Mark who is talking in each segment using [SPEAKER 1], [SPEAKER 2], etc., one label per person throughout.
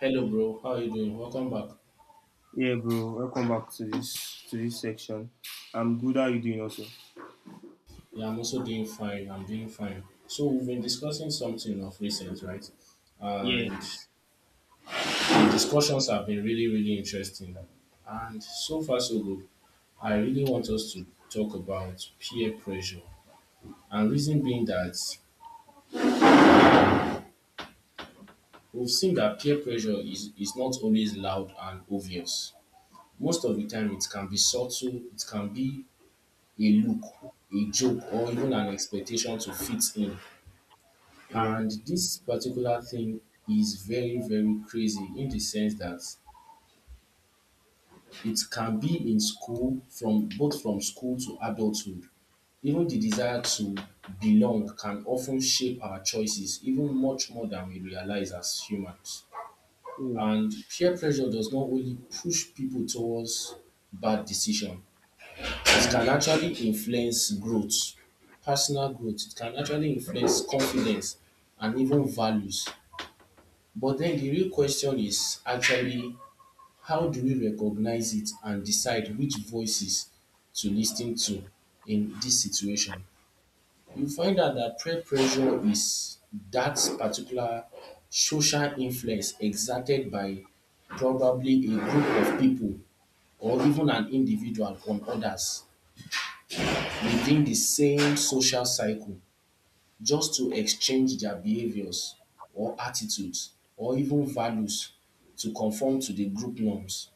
[SPEAKER 1] Hello, bro. How are you doing? Welcome back.
[SPEAKER 2] Yeah, bro. Welcome back to this section. I'm good. How you doing, also?
[SPEAKER 1] Yeah, I'm also doing fine. I'm doing fine. So we've been discussing something of recent, right?
[SPEAKER 2] Yeah,
[SPEAKER 1] And the discussions have been really, really interesting. And so far, so good. I really want us to talk about peer pressure. And reason being that we've seen that peer pressure is not always loud and obvious. Most of the time, it can be subtle, it can be a look, a joke, or even an expectation to fit in.
[SPEAKER 2] yeah,
[SPEAKER 1] And this particular thing is very, very crazy in the sense that it can be in school, from school to adulthood. Even the desire to belong can often shape our choices, even much more than we realize as humans.
[SPEAKER 2] yeah,
[SPEAKER 1] And peer pressure does not only push people towards bad decisions. It
[SPEAKER 2] yeah.
[SPEAKER 1] can actually influence growth, personal growth, it can actually influence confidence and even values. But then the real question is actually, how do we recognize it and decide which voices to listen to in this situation? You find out that peer pressure is that particular social influence exerted by probably a group of people or even an individual on others within the same social cycle, just to exchange their behaviors or attitudes or even values to conform to the group norms.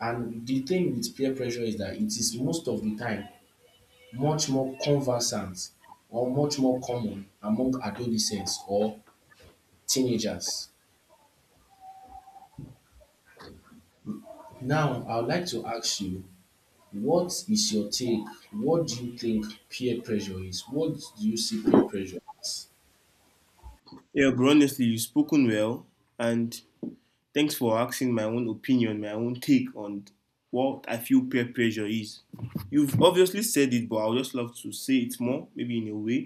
[SPEAKER 1] And the thing with peer pressure is that it is most of the time much more conversant or much more common among adolescents or teenagers. Now, I would like to ask you, what is your take? What do you think peer pressure is? What do you see peer pressure as?
[SPEAKER 2] Yeah, bro. Honestly, you've spoken well, and thanks for asking my own opinion, my own take on what I feel peer pressure is. You've obviously said it, but I would just love to say it more, maybe in a way.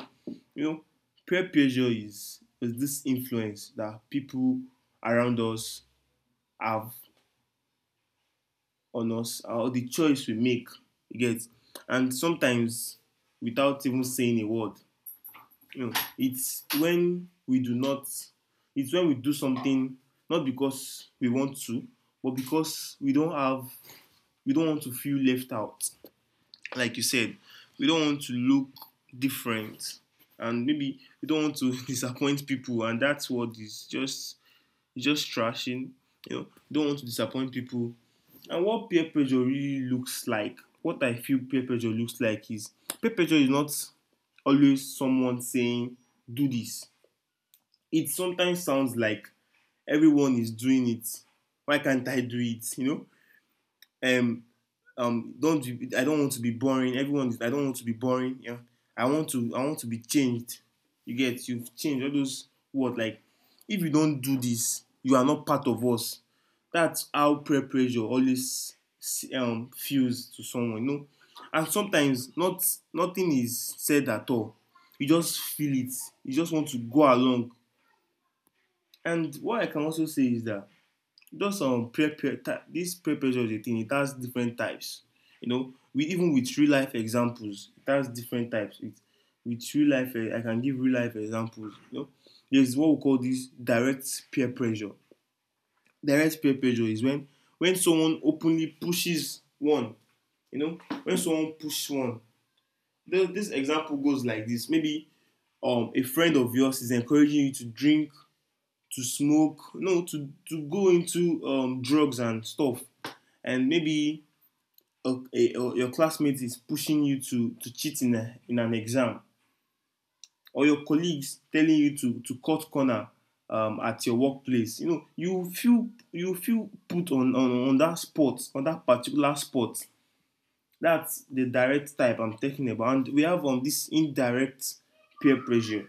[SPEAKER 2] You know, peer pressure is this influence that people around us have on us or the choice we make, you get, and sometimes without even saying a word, you know, it's when we do not it's when we do something not because we want to, but because we don't want to feel left out, like you said. We don't want to look different, and maybe we don't want to disappoint people. And that's what is just, it's just trashing, you know, don't want to disappoint people. And what peer pressure really looks like, what I feel peer pressure looks like is, peer pressure is not always someone saying, do this. It sometimes sounds like, everyone is doing it. Why can't I do it? You know? Don't be- I don't want to be boring. I don't want to be boring. Yeah. I want to be changed. You get, you've changed all those words like, if you don't do this, you are not part of us. That's how peer pressure always feels to someone, you know. And sometimes not, nothing is said at all. You just feel it. You just want to go along. And what I can also say is that, just peer, peer this peer pressure is a thing. It has different types. You know, we even with real life examples, it has different types. With real life, I can give real life examples. You know, there's what we call this direct peer pressure. Direct peer pressure is when someone openly pushes one, you know, when someone pushes one. This example goes like this, maybe a friend of yours is encouraging you to drink, to smoke, no, to go into drugs and stuff. And maybe your classmate is pushing you to cheat in an exam, or your colleagues telling you to cut corner at your workplace. You know, you feel, you feel put on, on that spot, on that particular spot. That's the direct type I'm talking about. And we have this indirect peer pressure.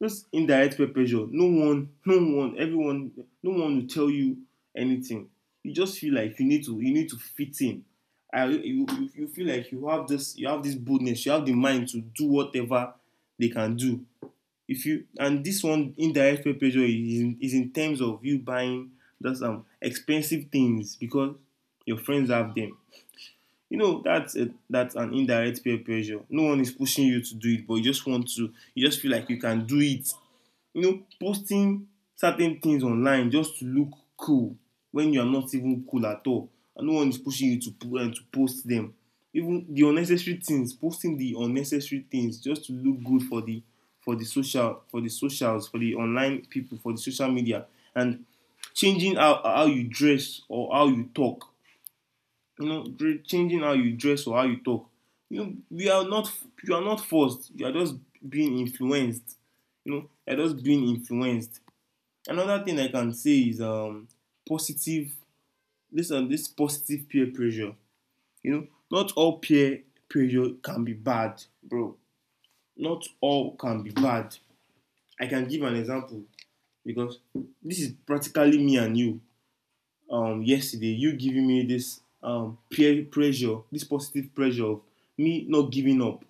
[SPEAKER 2] This indirect peer pressure, no one will tell you anything. You just feel like you need to, you need to fit in. I, you feel like you have this boldness, you have the mind to do whatever they can do. If you and This one indirect peer pressure is in terms of you buying just expensive things because your friends have them. You know, that's an indirect peer pressure. No one is pushing you to do it, but you just want to, you just feel like you can do it. You know, posting certain things online just to look cool, when you are not even cool at all. And no one is pushing you to to post them. Even the unnecessary things, posting the unnecessary things just to look good for the socials, for the online people, for the social media. And changing how you dress or how you talk. You know, changing how you dress or how you talk. You know, we are not you are not forced, you are just being influenced. You know, you are just being influenced. Another thing I can say is positive. Listen, this positive peer pressure, you know, not all peer pressure can be bad, bro. Not all can be bad. I can give an example, because this is practically me and you. Yesterday, you giving me this peer pressure, this positive pressure of me not giving up,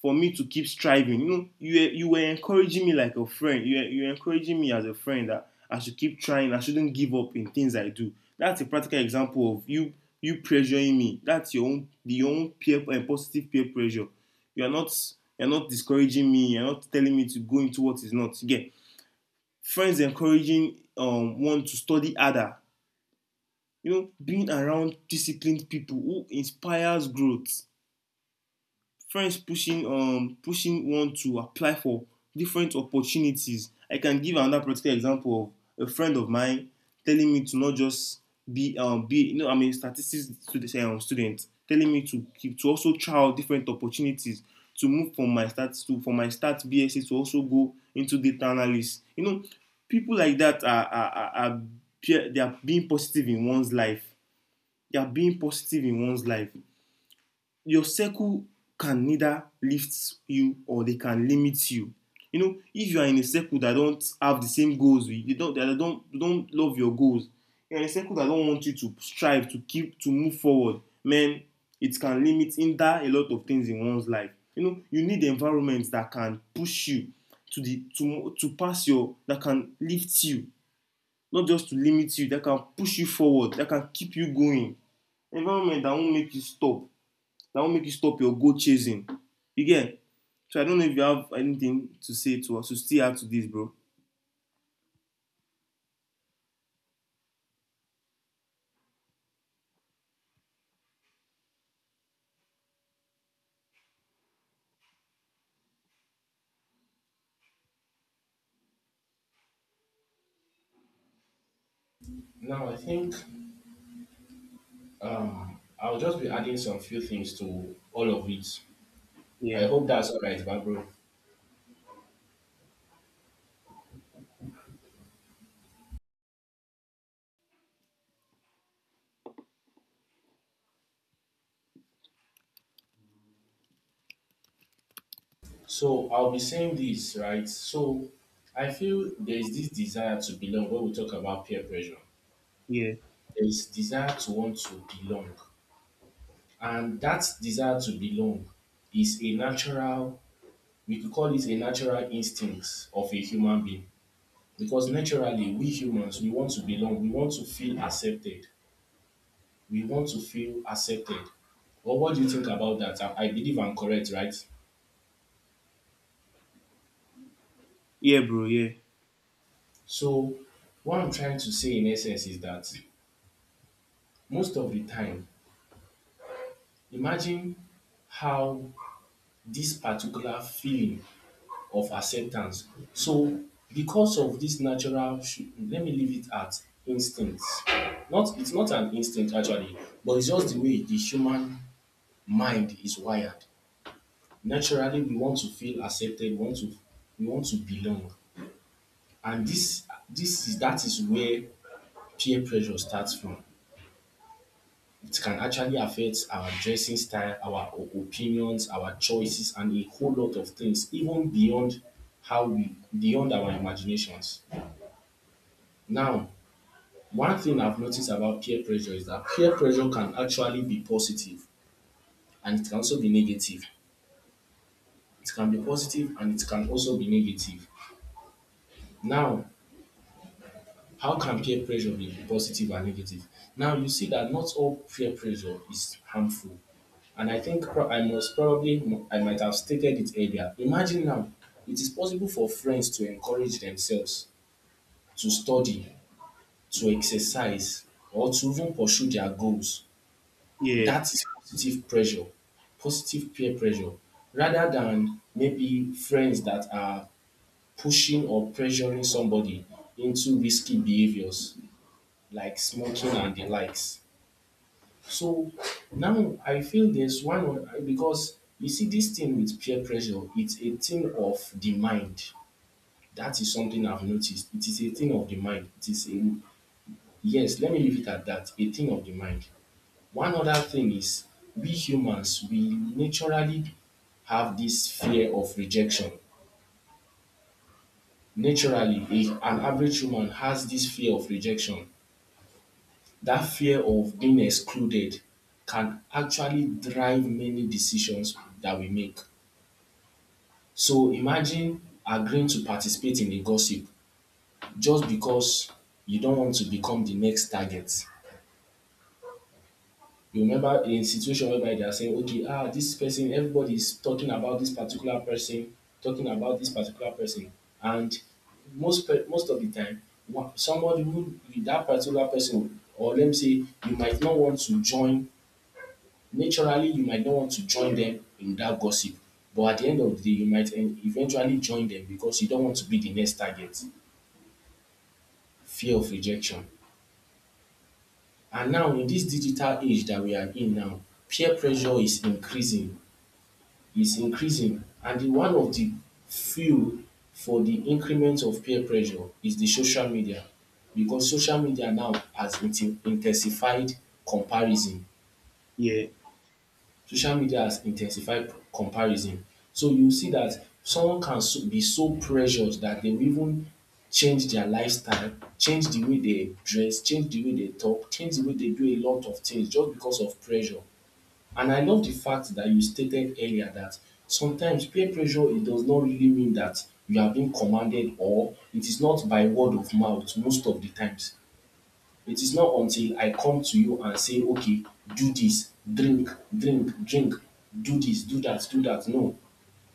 [SPEAKER 2] for me to keep striving. You know, you were encouraging me like a friend. You were encouraging me as a friend that I should keep trying. I shouldn't give up in things I do. That's a practical example of you pressuring me. That's your own peer and positive peer pressure. You are not you're not discouraging me. You're not telling me to go into what is not. Again, friends encouraging one to study harder. You know, being around disciplined people who inspires growth, friends pushing pushing one to apply for different opportunities. I can give another practical example of a friend of mine telling me to not just be be, you know, I'm a statistics student, telling me to keep to also try out different opportunities, to move from my start to from my start BSc to also go into data analysis. You know, people like that are, they are being positive in one's life. Yeah, being positive in one's life. Your circle can neither lift you, or they can limit you. You know, if you are in a circle that don't have the same goals, they don't don't love your goals, you're in a circle that don't want you to strive, to keep, to move forward, man, it can limit, hinder a lot of things in one's life. You know, you need environments that can push you to the to pass your that can lift you, not just to limit you, that can push you forward, that can keep you going. Environment that won't make you stop, that won't make you stop your goal chasing, you get. So I don't know if you have anything to say to us. So still add to this, bro.
[SPEAKER 1] Now, I think I'll just be adding some few things to all of it.
[SPEAKER 2] yeah
[SPEAKER 1] I hope that's all right, Barbara. So I'll be saying this, right? So I feel there is this desire to belong when we talk about peer pressure.
[SPEAKER 2] yeah
[SPEAKER 1] There is desire to want to belong. And that desire to belong is a natural, we could call it a natural instinct of a human being. Because naturally, we humans, we want to belong. We want to feel accepted. We want to feel accepted. Well, what do you think about that? I believe I'm correct, right?
[SPEAKER 2] yeah Bro,
[SPEAKER 1] So what I'm trying to say in essence is that most of the time, imagine how this particular feeling of acceptance. So because of this natural, let me leave it at instincts. Not it's not an instinct actually, but it's just the way the human mind is wired. Naturally, we want to feel accepted. We want to belong, and this is that is where peer pressure starts from. It can actually affect our dressing style, our opinions, our choices, and a whole lot of things, even beyond how we beyond our imaginations. Now, one thing I've noticed about peer pressure is that peer pressure can actually be positive and it can also be negative. It can be positive and it can also be negative. Now, how can peer pressure be positive and negative? Now you see that not all peer pressure is harmful, and I think I must probably, I might have stated it earlier. Imagine now, it is possible for friends to encourage themselves to study, to exercise, or to even pursue their goals.
[SPEAKER 2] yeah
[SPEAKER 1] That is positive pressure, positive peer pressure, rather than maybe friends that are pushing or pressuring somebody into risky behaviors like smoking and the likes. So now I feel because you see this thing with peer pressure, it's a thing of the mind. That is something I've noticed. It is a thing of the mind. It is a, yes, let me leave it at that. A thing of the mind. One other thing is we humans we naturally have this fear of rejection. Naturally, an average human has this fear of rejection. That fear of being excluded can actually drive many decisions that we make. So imagine agreeing to participate in a gossip just because you don't want to become the next target. You remember a situation whereby they are saying, okay, ah, this person, everybody is talking about this particular person, talking about this particular person, and most of the time, somebody who that particular person, or let me say, you might not want to join, naturally you might not want to join them in that gossip, but at the end of the day, you might eventually join them because you don't want to be the next target. Fear of rejection. And now in this digital age that we are in now, peer pressure is increasing, and the one of the fuel for the increment of peer pressure is the social media, because social media now has intensified comparison.
[SPEAKER 2] yeah
[SPEAKER 1] Social media has intensified comparison. So you see that someone can so be so pressured that they will even change their lifestyle, change the way they dress, change the way they talk, change the way they do a lot of things just because of pressure. And I love the fact that you stated earlier that sometimes peer pressure, it does not really mean that you are being commanded or it is not by word of mouth most of the times. It is not until I come to you and say, okay, do this, drink, drink, drink, do this, do that, do that. No.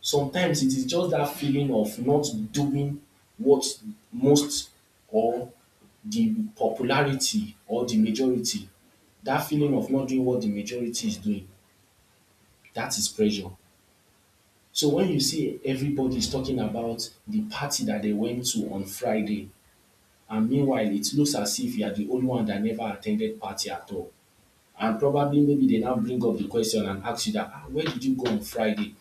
[SPEAKER 1] Sometimes it is just that feeling of not doing what most or the popularity or the majority, that feeling of not doing what the majority is doing, that is pressure. So when you see everybody is talking about the party that they went to on Friday, and meanwhile it looks as if you are the only one that never attended party at all. And probably maybe they now bring up the question and ask you that, ah, where did you go on Friday?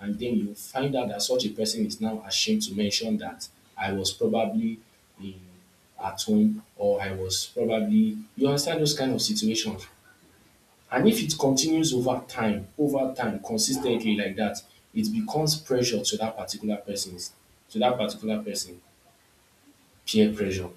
[SPEAKER 1] And then you find out that such a person is now ashamed to mention that I was probably in, at home or I was probably, you understand those kind of situations. And if it continues over time, consistently like that, it becomes pressure to that particular person's, to that particular person, peer pressure.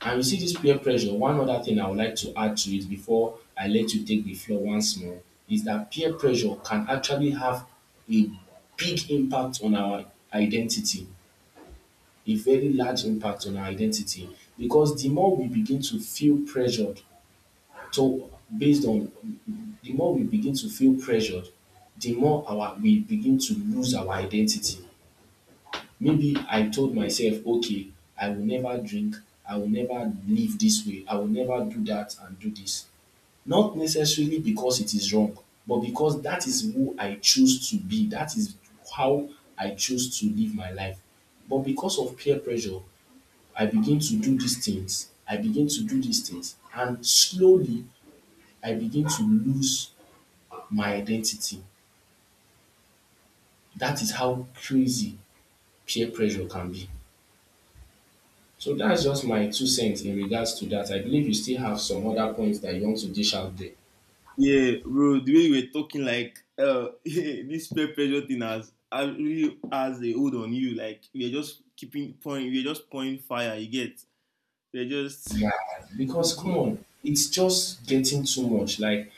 [SPEAKER 1] And you see this peer pressure, one other thing I would like to add to it before I let you take the floor once more is that peer pressure can actually have a big impact on our identity, a very large impact on our identity. Because the more we begin to feel pressured, so based on the more we begin to feel pressured, the more our we begin to lose our identity. Maybe I told myself, okay, I will never drink, I will never live this way, I will never do that and do this. Not necessarily because it is wrong, but because that is who I choose to be, that is how I choose to live my life. But because of peer pressure, I begin to do these things, I begin to do these things, and slowly I begin to lose my identity. That is how crazy peer pressure can be. So that's just my two cents in regards to that. I believe you still have some other points that you want to dish out there.
[SPEAKER 2] yeah, bro, the way you were talking like this peer pressure thing has really has a hold on you. Like, we are just keeping point, we are just pouring fire, you get. We are just
[SPEAKER 1] Yeah, because come on, it's just getting too much. Like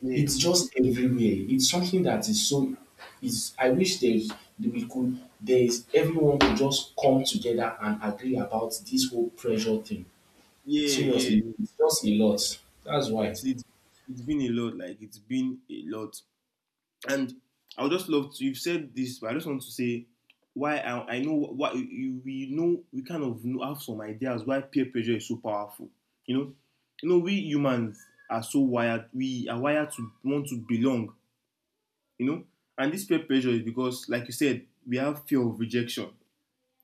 [SPEAKER 2] yeah
[SPEAKER 1] it's just everywhere. It's something that is so. Is I wish there's that we could there is everyone could just come together and agree about this whole pressure thing.
[SPEAKER 2] yeah
[SPEAKER 1] Seriously,
[SPEAKER 2] yeah
[SPEAKER 1] it's just a lot. That's why.
[SPEAKER 2] It's it's been a lot, like it's been a lot. And I would just love to, you've said this, but I just want to say why I know what you, we know. We kind of know, have some ideas why peer pressure is so powerful. You know, you know we humans are so wired. We are wired to want to belong. You know, and this peer pressure is because, like you said, we have fear of rejection.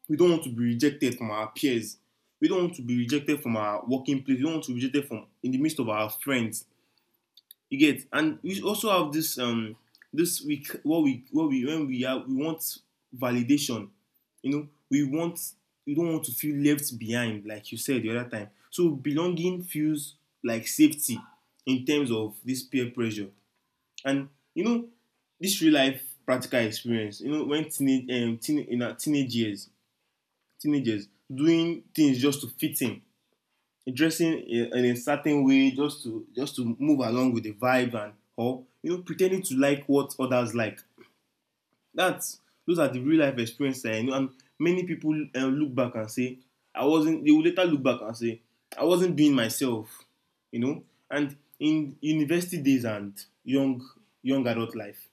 [SPEAKER 2] We don't want to be rejected from our peers. We don't want to be rejected from our working place. We don't want to be rejected from in the midst of our friends. You get, and we also have this this week what we when we are we want validation. You know, we want, we don't want to feel left behind, like you said the other time. So belonging feels like safety in terms of this peer pressure. And, you know, this real life practical experience. You know, when in our teenage years, teenagers doing things just to fit in, dressing in a certain way just to, just to move along with the vibe, and or you know pretending to like what others like. That's, those are the real life experiences I know. And many people look back and say, I wasn't. They will later look back and say, I wasn't being myself, you know. And in university days and young adult life,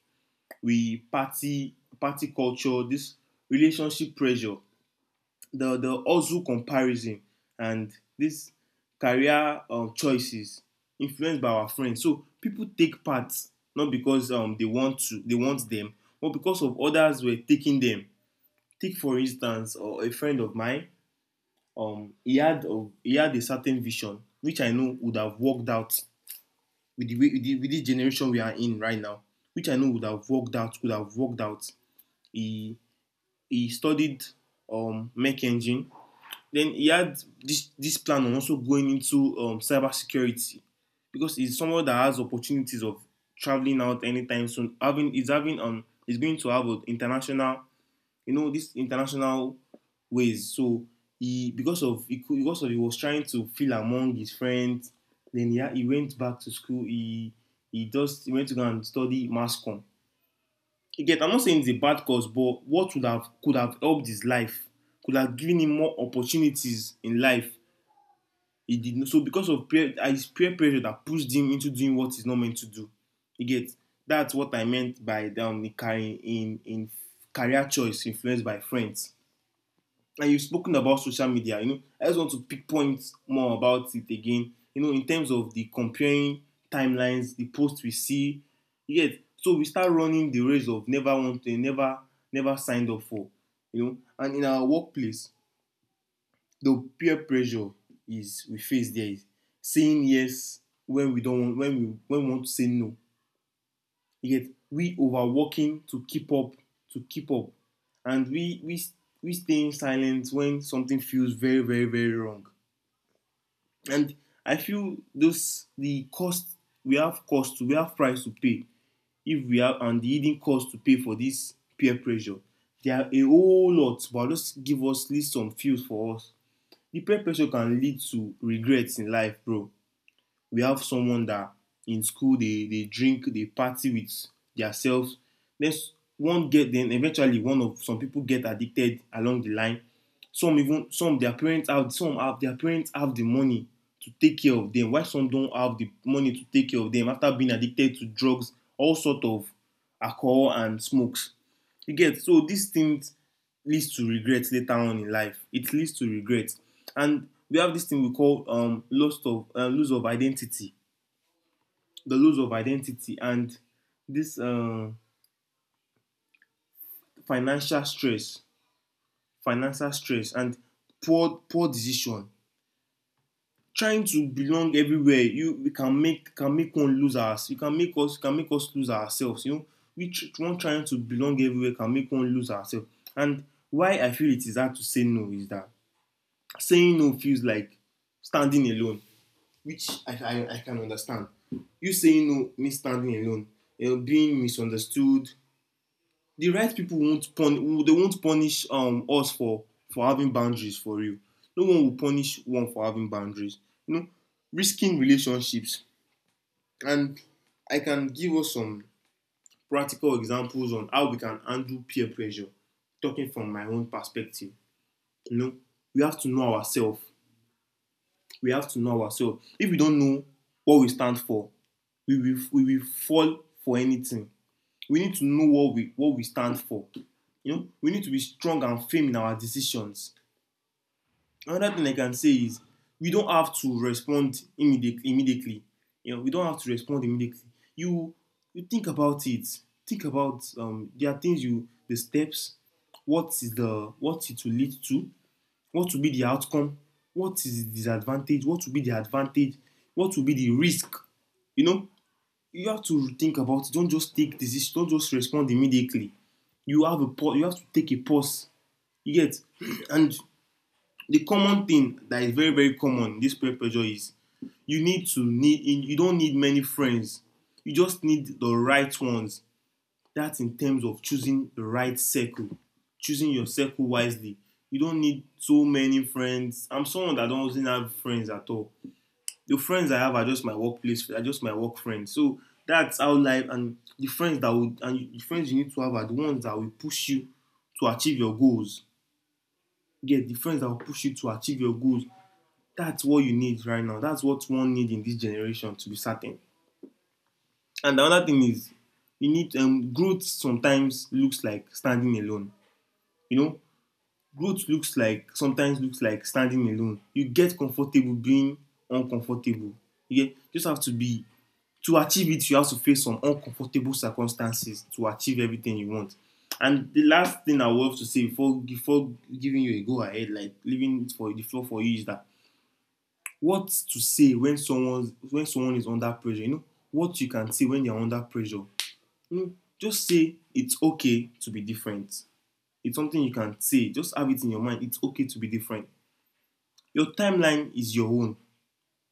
[SPEAKER 2] we party culture, this relationship pressure, the also comparison, and this career choices influenced by our friends. So people take part not because they want to, they want them, but because of others were taking them. Take for instance, a friend of mine. He had a certain vision which I know would have worked out with the way with the generation we are in right now, which I know would have worked out could have worked out. He he studied mech engine. Then he had this plan on also going into cybersecurity, because he's someone that has opportunities of traveling out anytime soon. Having is going to have an international, you know, this international ways. So he, because of he was trying to feel among his friends. Then he went back to school. He went to go and study mass com. You get, I'm not saying it's a bad cause, but what would have could have helped his life, could have given him more opportunities in life he did not, so because of peer his peer pressure that pushed him into doing what he's not meant to do, you get. That's what I meant by the carrying in career choice influenced by friends. And you've spoken about social media, you know, I just want to pick points more about it again, you know, in terms of the comparing timelines, the posts we see, you get. So we start running the race of never wanting, never signed up for, you know. And in our workplace the peer pressure is we face, there is saying yes when we want to say no. You get, we overworking to keep up, and we staying silent when something feels very wrong. And I feel those the cost, we have cost, we have price to pay if we have, and the hidden cost to pay for this peer pressure. There are a whole lot, but I'll just give us list some few for us. The peer pressure can lead to regrets in life, bro. We have someone that in school they drink, they party with themselves. Then one get then eventually one of some people get addicted along the line. Some, even some their parents have, some have their parents have the money to take care of them. Why some don't have the money to take care of them after being addicted to drugs, all sort of alcohol and smokes. You get, so these things leads to regret later on in life. It leads to regret. And we have this thing we call loss of lose of identity, the lose of identity, and this financial stress, financial stress, and poor decision. Trying to belong everywhere, you we can make one lose us. You can make us lose ourselves. You know, one trying to belong everywhere can make one lose ourselves. And why I feel it is hard to say no is that saying no feels like standing alone, which I can understand. You saying no, me standing alone, being misunderstood. The right people won't they won't punish us for having boundaries for you. No one will punish one for having boundaries. You know, risking relationships. And I can give us some practical examples on how we can handle peer pressure. Talking from my own perspective, you know, we have to know ourselves. We have to know ourselves. If we don't know what we stand for, we will fall for anything. We need to know what we stand for, you know. We need to be strong and firm in our decisions. Another thing I can say is we don't have to respond immediately, you know. We don't have to respond immediately. you you think about it. Think about there are things, you the steps, what is the, what it will lead to, what will be the outcome, what is the disadvantage, what will be the advantage, what will be the risk, you know. You have to think about it. Don't just take decision. Don't just respond immediately. You have a pause. You have to take a pause. You get. And the common thing that is very very common in this peer pressure is you need to need. You don't need many friends. You just need the right ones. That's in terms of choosing the right circle, choosing your circle wisely. You don't need so many friends. I'm someone that doesn't have friends at all. The friends I have are just my workplace, are just my work friends. So that's how life, and the friends that would, and the friends you need to have are the ones that will push you to achieve your goals. Get, yeah, the friends that will push you to achieve your goals. That's what you need right now. That's what one need in this generation to be certain. And the other thing is, you need growth. Sometimes looks like standing alone. You know, growth looks like, sometimes looks like standing alone. You get comfortable being uncomfortable. You get, just have to be, to achieve it, you have to face some uncomfortable circumstances to achieve everything you want. And the last thing I want to say before giving you a go ahead, like leaving it for the floor for you, is that what to say when someone is under pressure. You know what you can say when they are under pressure. You know, just say it's okay to be different. It's something you can say. Just have it in your mind. It's okay to be different. Your timeline is your own.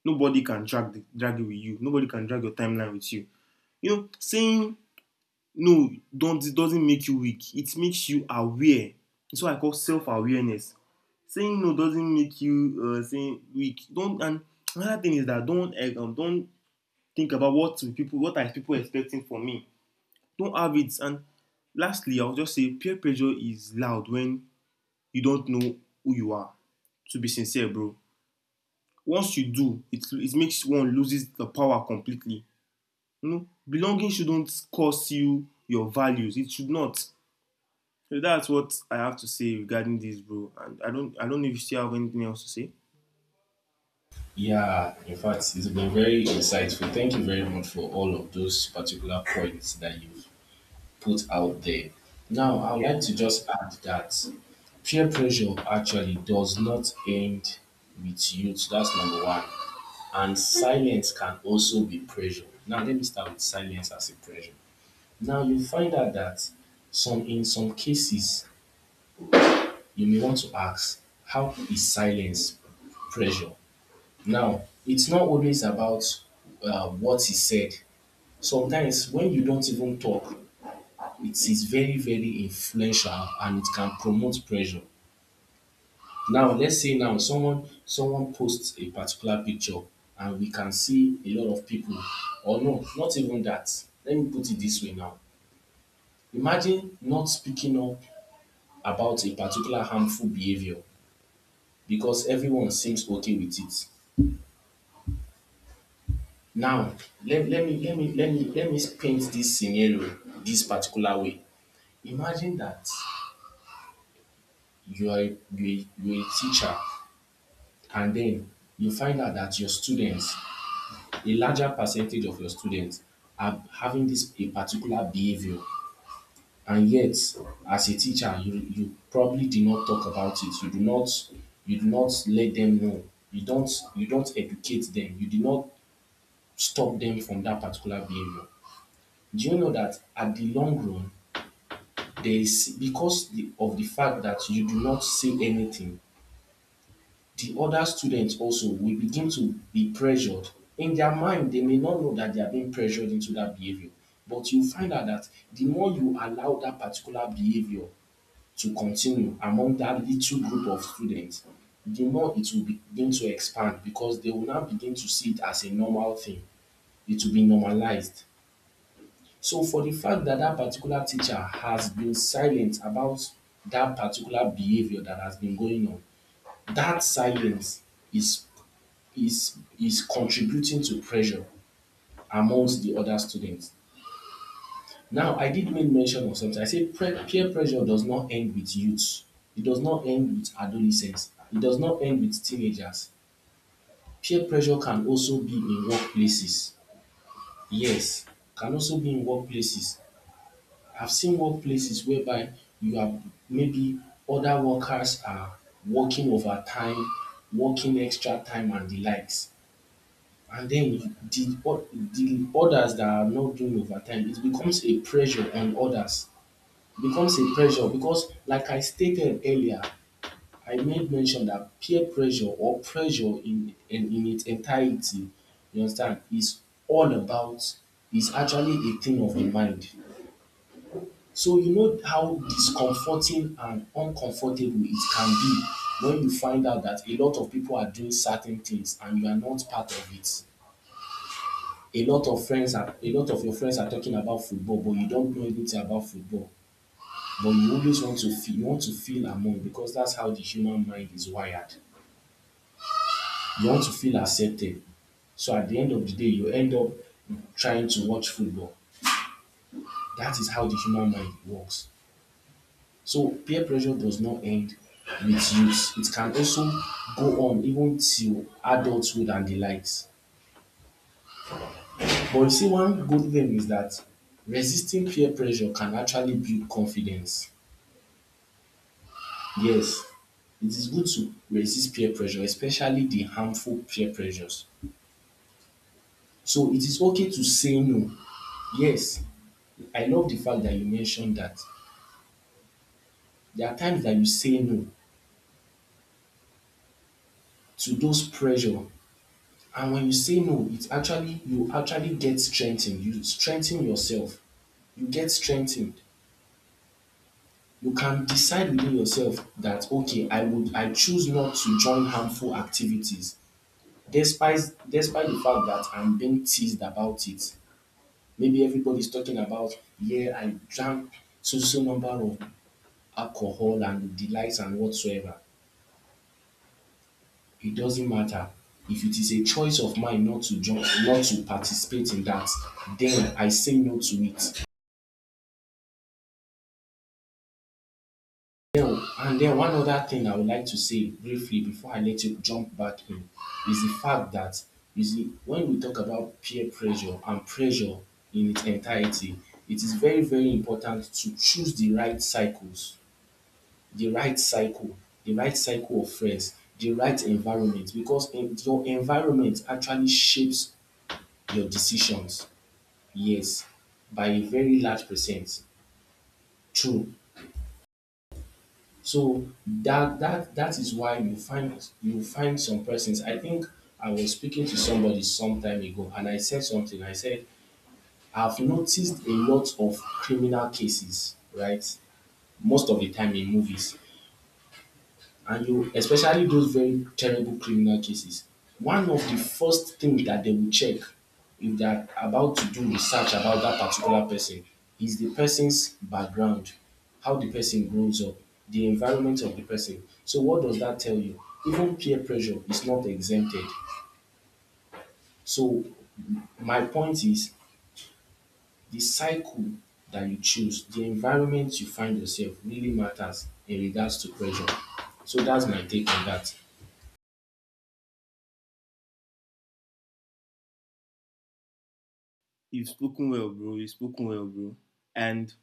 [SPEAKER 2] Nobody can drag it with you. Nobody can drag your timeline with you. You know, saying no don't, it doesn't make you weak. It makes you aware. It's what I call self-awareness. Saying no doesn't make you saying weak. Don't and another thing is that don't think about what are people expecting from me. Don't have it. And lastly, I'll just say peer pressure is loud when you don't know who you are. To be sincere, bro. Once you do, it makes one loses the power completely. You know, belonging shouldn't cost you your values. It should not. So that's what I have to say regarding this, bro. And I don't know if you still have anything else to say.
[SPEAKER 1] Yeah, in fact, it's been very insightful. Thank you very much for all of those particular points that you've put out there. Now, I would
[SPEAKER 2] Yeah.
[SPEAKER 1] like to just add that peer pressure actually does not end with youth. That's number one. And silence can also be pressure. Now, let me start with silence as a pressure. Now, you find out that some in some cases you may want to ask, how is silence pressure? Now, it's not always about what is said. Sometimes when you don't even talk, it is very very influential and it can promote pressure. Now let's say now someone posts a particular picture and we can see a lot of people, or no, not even that, let me put it this way now. Imagine not speaking up about a particular harmful behavior because everyone seems okay with it. Now, let, let me let me let me let me paint this scenario this particular way. Imagine that you are a, you are a, you are a teacher. And then you find out that your students, a larger percentage of your students are having this a particular behavior. And yet, as a teacher, you probably did not talk about it. You do not, let them know. You don't, educate them. You do not stop them from that particular behavior. Do you know that at the long run, there is because of the fact that you do not say anything, the other students also will begin to be pressured. In their mind, they may not know that they are being pressured into that behavior, but you find out that the more you allow that particular behavior to continue among that little group of students, the more it will begin to expand because they will now begin to see it as a normal thing. It will be normalized. So, for the fact that that particular teacher has been silent about that particular behavior that has been going on, that silence is is contributing to pressure amongst the other students. Now, I did make mention of something. I said peer pressure does not end with youth. It does not end with adolescents. It does not end with teenagers. Peer pressure can also be in workplaces. Yes, can also be in workplaces. I've seen workplaces whereby you have maybe other workers are working overtime, working extra time and the likes. And then with the others that are not doing overtime, it becomes a pressure on others. It becomes a pressure because, like I stated earlier, I made mention that peer pressure or pressure in its entirety, you understand, is all about is actually a thing of the mind. So you know how discomforting and uncomfortable it can be when you find out that a lot of people are doing certain things and you are not part of it. A lot of your friends are talking about football, but you don't know anything about football, but you always want to feel among, because that's how the human mind is wired. You want to feel accepted. So at the end of the day, you end up trying to watch football. That is how the human mind works. So peer pressure does not end with youth. It can also go on even till adulthood and the likes. But you see, one good thing is that resisting peer pressure can actually build confidence. Yes, it is good to resist peer pressure, especially the harmful peer pressures. So it is okay to say no. Yes, I love the fact that you mentioned that. There are times that you say no to those pressure, and when you say no, it actually you actually get strengthened. You strengthen yourself. You get strengthened. You can decide within yourself that okay, I choose not to join harmful activities, despite despite the fact that I'm being teased about it. Maybe everybody's talking about, yeah, I drank so so number of alcohol and the likes and whatsoever. It doesn't matter. If it is a choice of mine not to join, not to participate in that, then I say no to it. And then one other thing I would like to say briefly before I let you jump back in is the fact that you see, when we talk about peer pressure and pressure in its entirety, it is very, very important to choose the right cycle, the right cycle of friends, the right environment, because your environment actually shapes your decisions. Yes, by a very large percent. True. So that is why you find some persons. I think I was speaking to somebody some time ago, and I said something. I said I've noticed a lot of criminal cases, right? Most of the time in movies, and you especially those very terrible criminal cases, one of the first things that they will check if they are about to do research about that particular person is the person's background, how the person grows up, the environment of the person. So what does that tell you? Even peer pressure is not exempted. So my point is the cycle that you choose, the environment you find yourself, really matters in regards to pressure. So that's my take on that.
[SPEAKER 2] You've spoken well, bro. You've spoken well, bro. And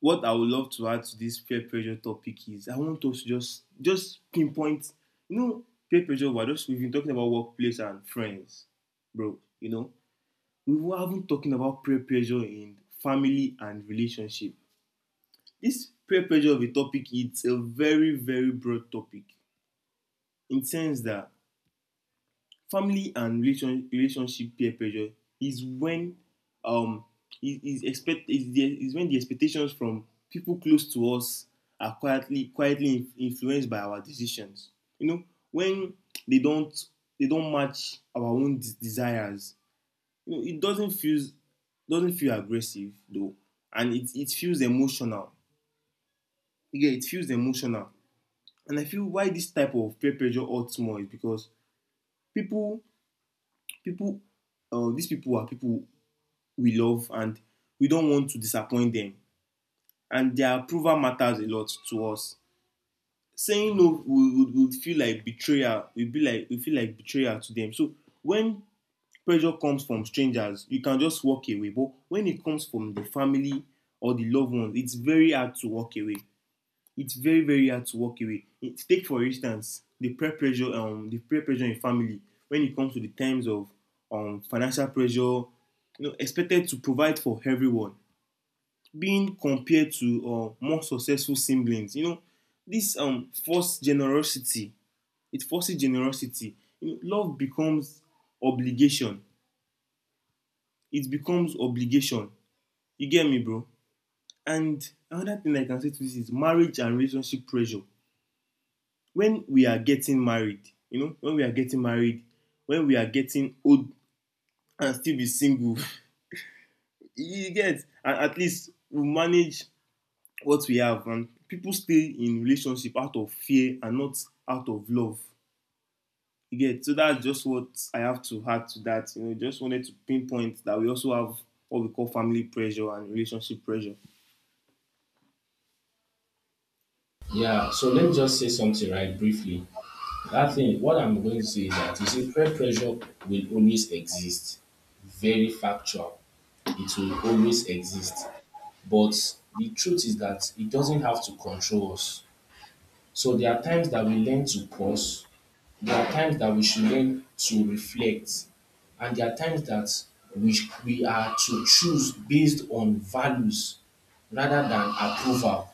[SPEAKER 2] what I would love to add to this peer pressure topic is I want us to just pinpoint, you know, peer pressure. We're just, we've been talking about workplace and friends, bro. You know, we haven't talking about peer pressure in family and relationship. This peer pressure of a topic, it's a very very broad topic in the sense that family and relationship peer pressure is when um is when the expectations from people close to us are quietly influenced by our decisions, you know, when they don't they don't match our own desires, you know. It doesn't feel, doesn't feel aggressive though, and it feels emotional. Yeah, it feels emotional. And I feel why this type of peer pressure hurts more is because people people these people are people we love, and we don't want to disappoint them. And their approval matters a lot to us. Saying no would feel like betrayal. We feel like betrayal to them. So when pressure comes from strangers, you can just walk away. But when it comes from the family or the loved ones, it's very hard to walk away. It's very very hard to walk away. It, take for instance the peer pressure in family, when it comes to the times of financial pressure, you know, expected to provide for everyone, being compared to more successful siblings. You know, this forced generosity. It forces generosity. You know, love becomes obligation. It becomes obligation. You get me, bro? And another thing I can say to this is marriage and relationship pressure. When we are getting married, when we are getting old and still be single, you get, and at least we manage what we have, and people stay in relationship out of fear and not out of love, you get. So that's just what I have to add to that, you know. Just wanted to pinpoint that we also have what we call family pressure and relationship pressure.
[SPEAKER 1] Yeah, so let me just say something right briefly. That thing, what I'm going to say is that you see, peer pressure will always exist. Very factual. It will always exist. But the truth is that it doesn't have to control us. So there are times that we learn to pause. There are times that we should learn to reflect. And there are times that we are to choose based on values rather than approval.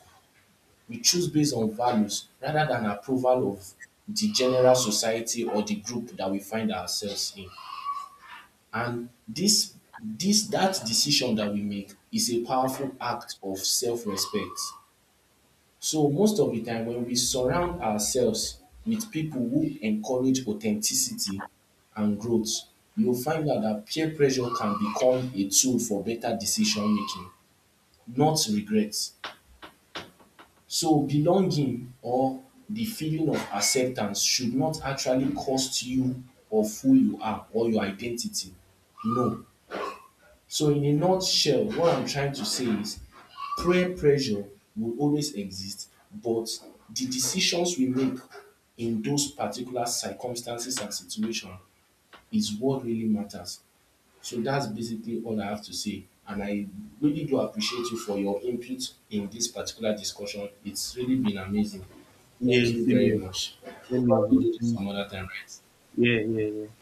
[SPEAKER 1] We choose based on values rather than approval of the general society or the group that we find ourselves in. And this that decision that we make is a powerful act of self-respect. So most of the time when we surround ourselves with people who encourage authenticity and growth, you'll find out that peer pressure can become a tool for better decision making, not regret. So belonging or the feeling of acceptance should not actually cost you of who you are or your identity. No. So in a nutshell, what I'm trying to say is prayer pressure will always exist, but the decisions we make in those particular circumstances and situation is what really matters. So that's basically all I have to say. And I really do appreciate you for your input in this particular discussion. It's really been amazing.
[SPEAKER 2] Yeah,
[SPEAKER 1] Thank you
[SPEAKER 2] same
[SPEAKER 1] very
[SPEAKER 2] here.
[SPEAKER 1] much. We'll
[SPEAKER 2] Same here,
[SPEAKER 1] probably
[SPEAKER 2] bro.
[SPEAKER 1] do this some other time, right?
[SPEAKER 2] Yeah, yeah, yeah.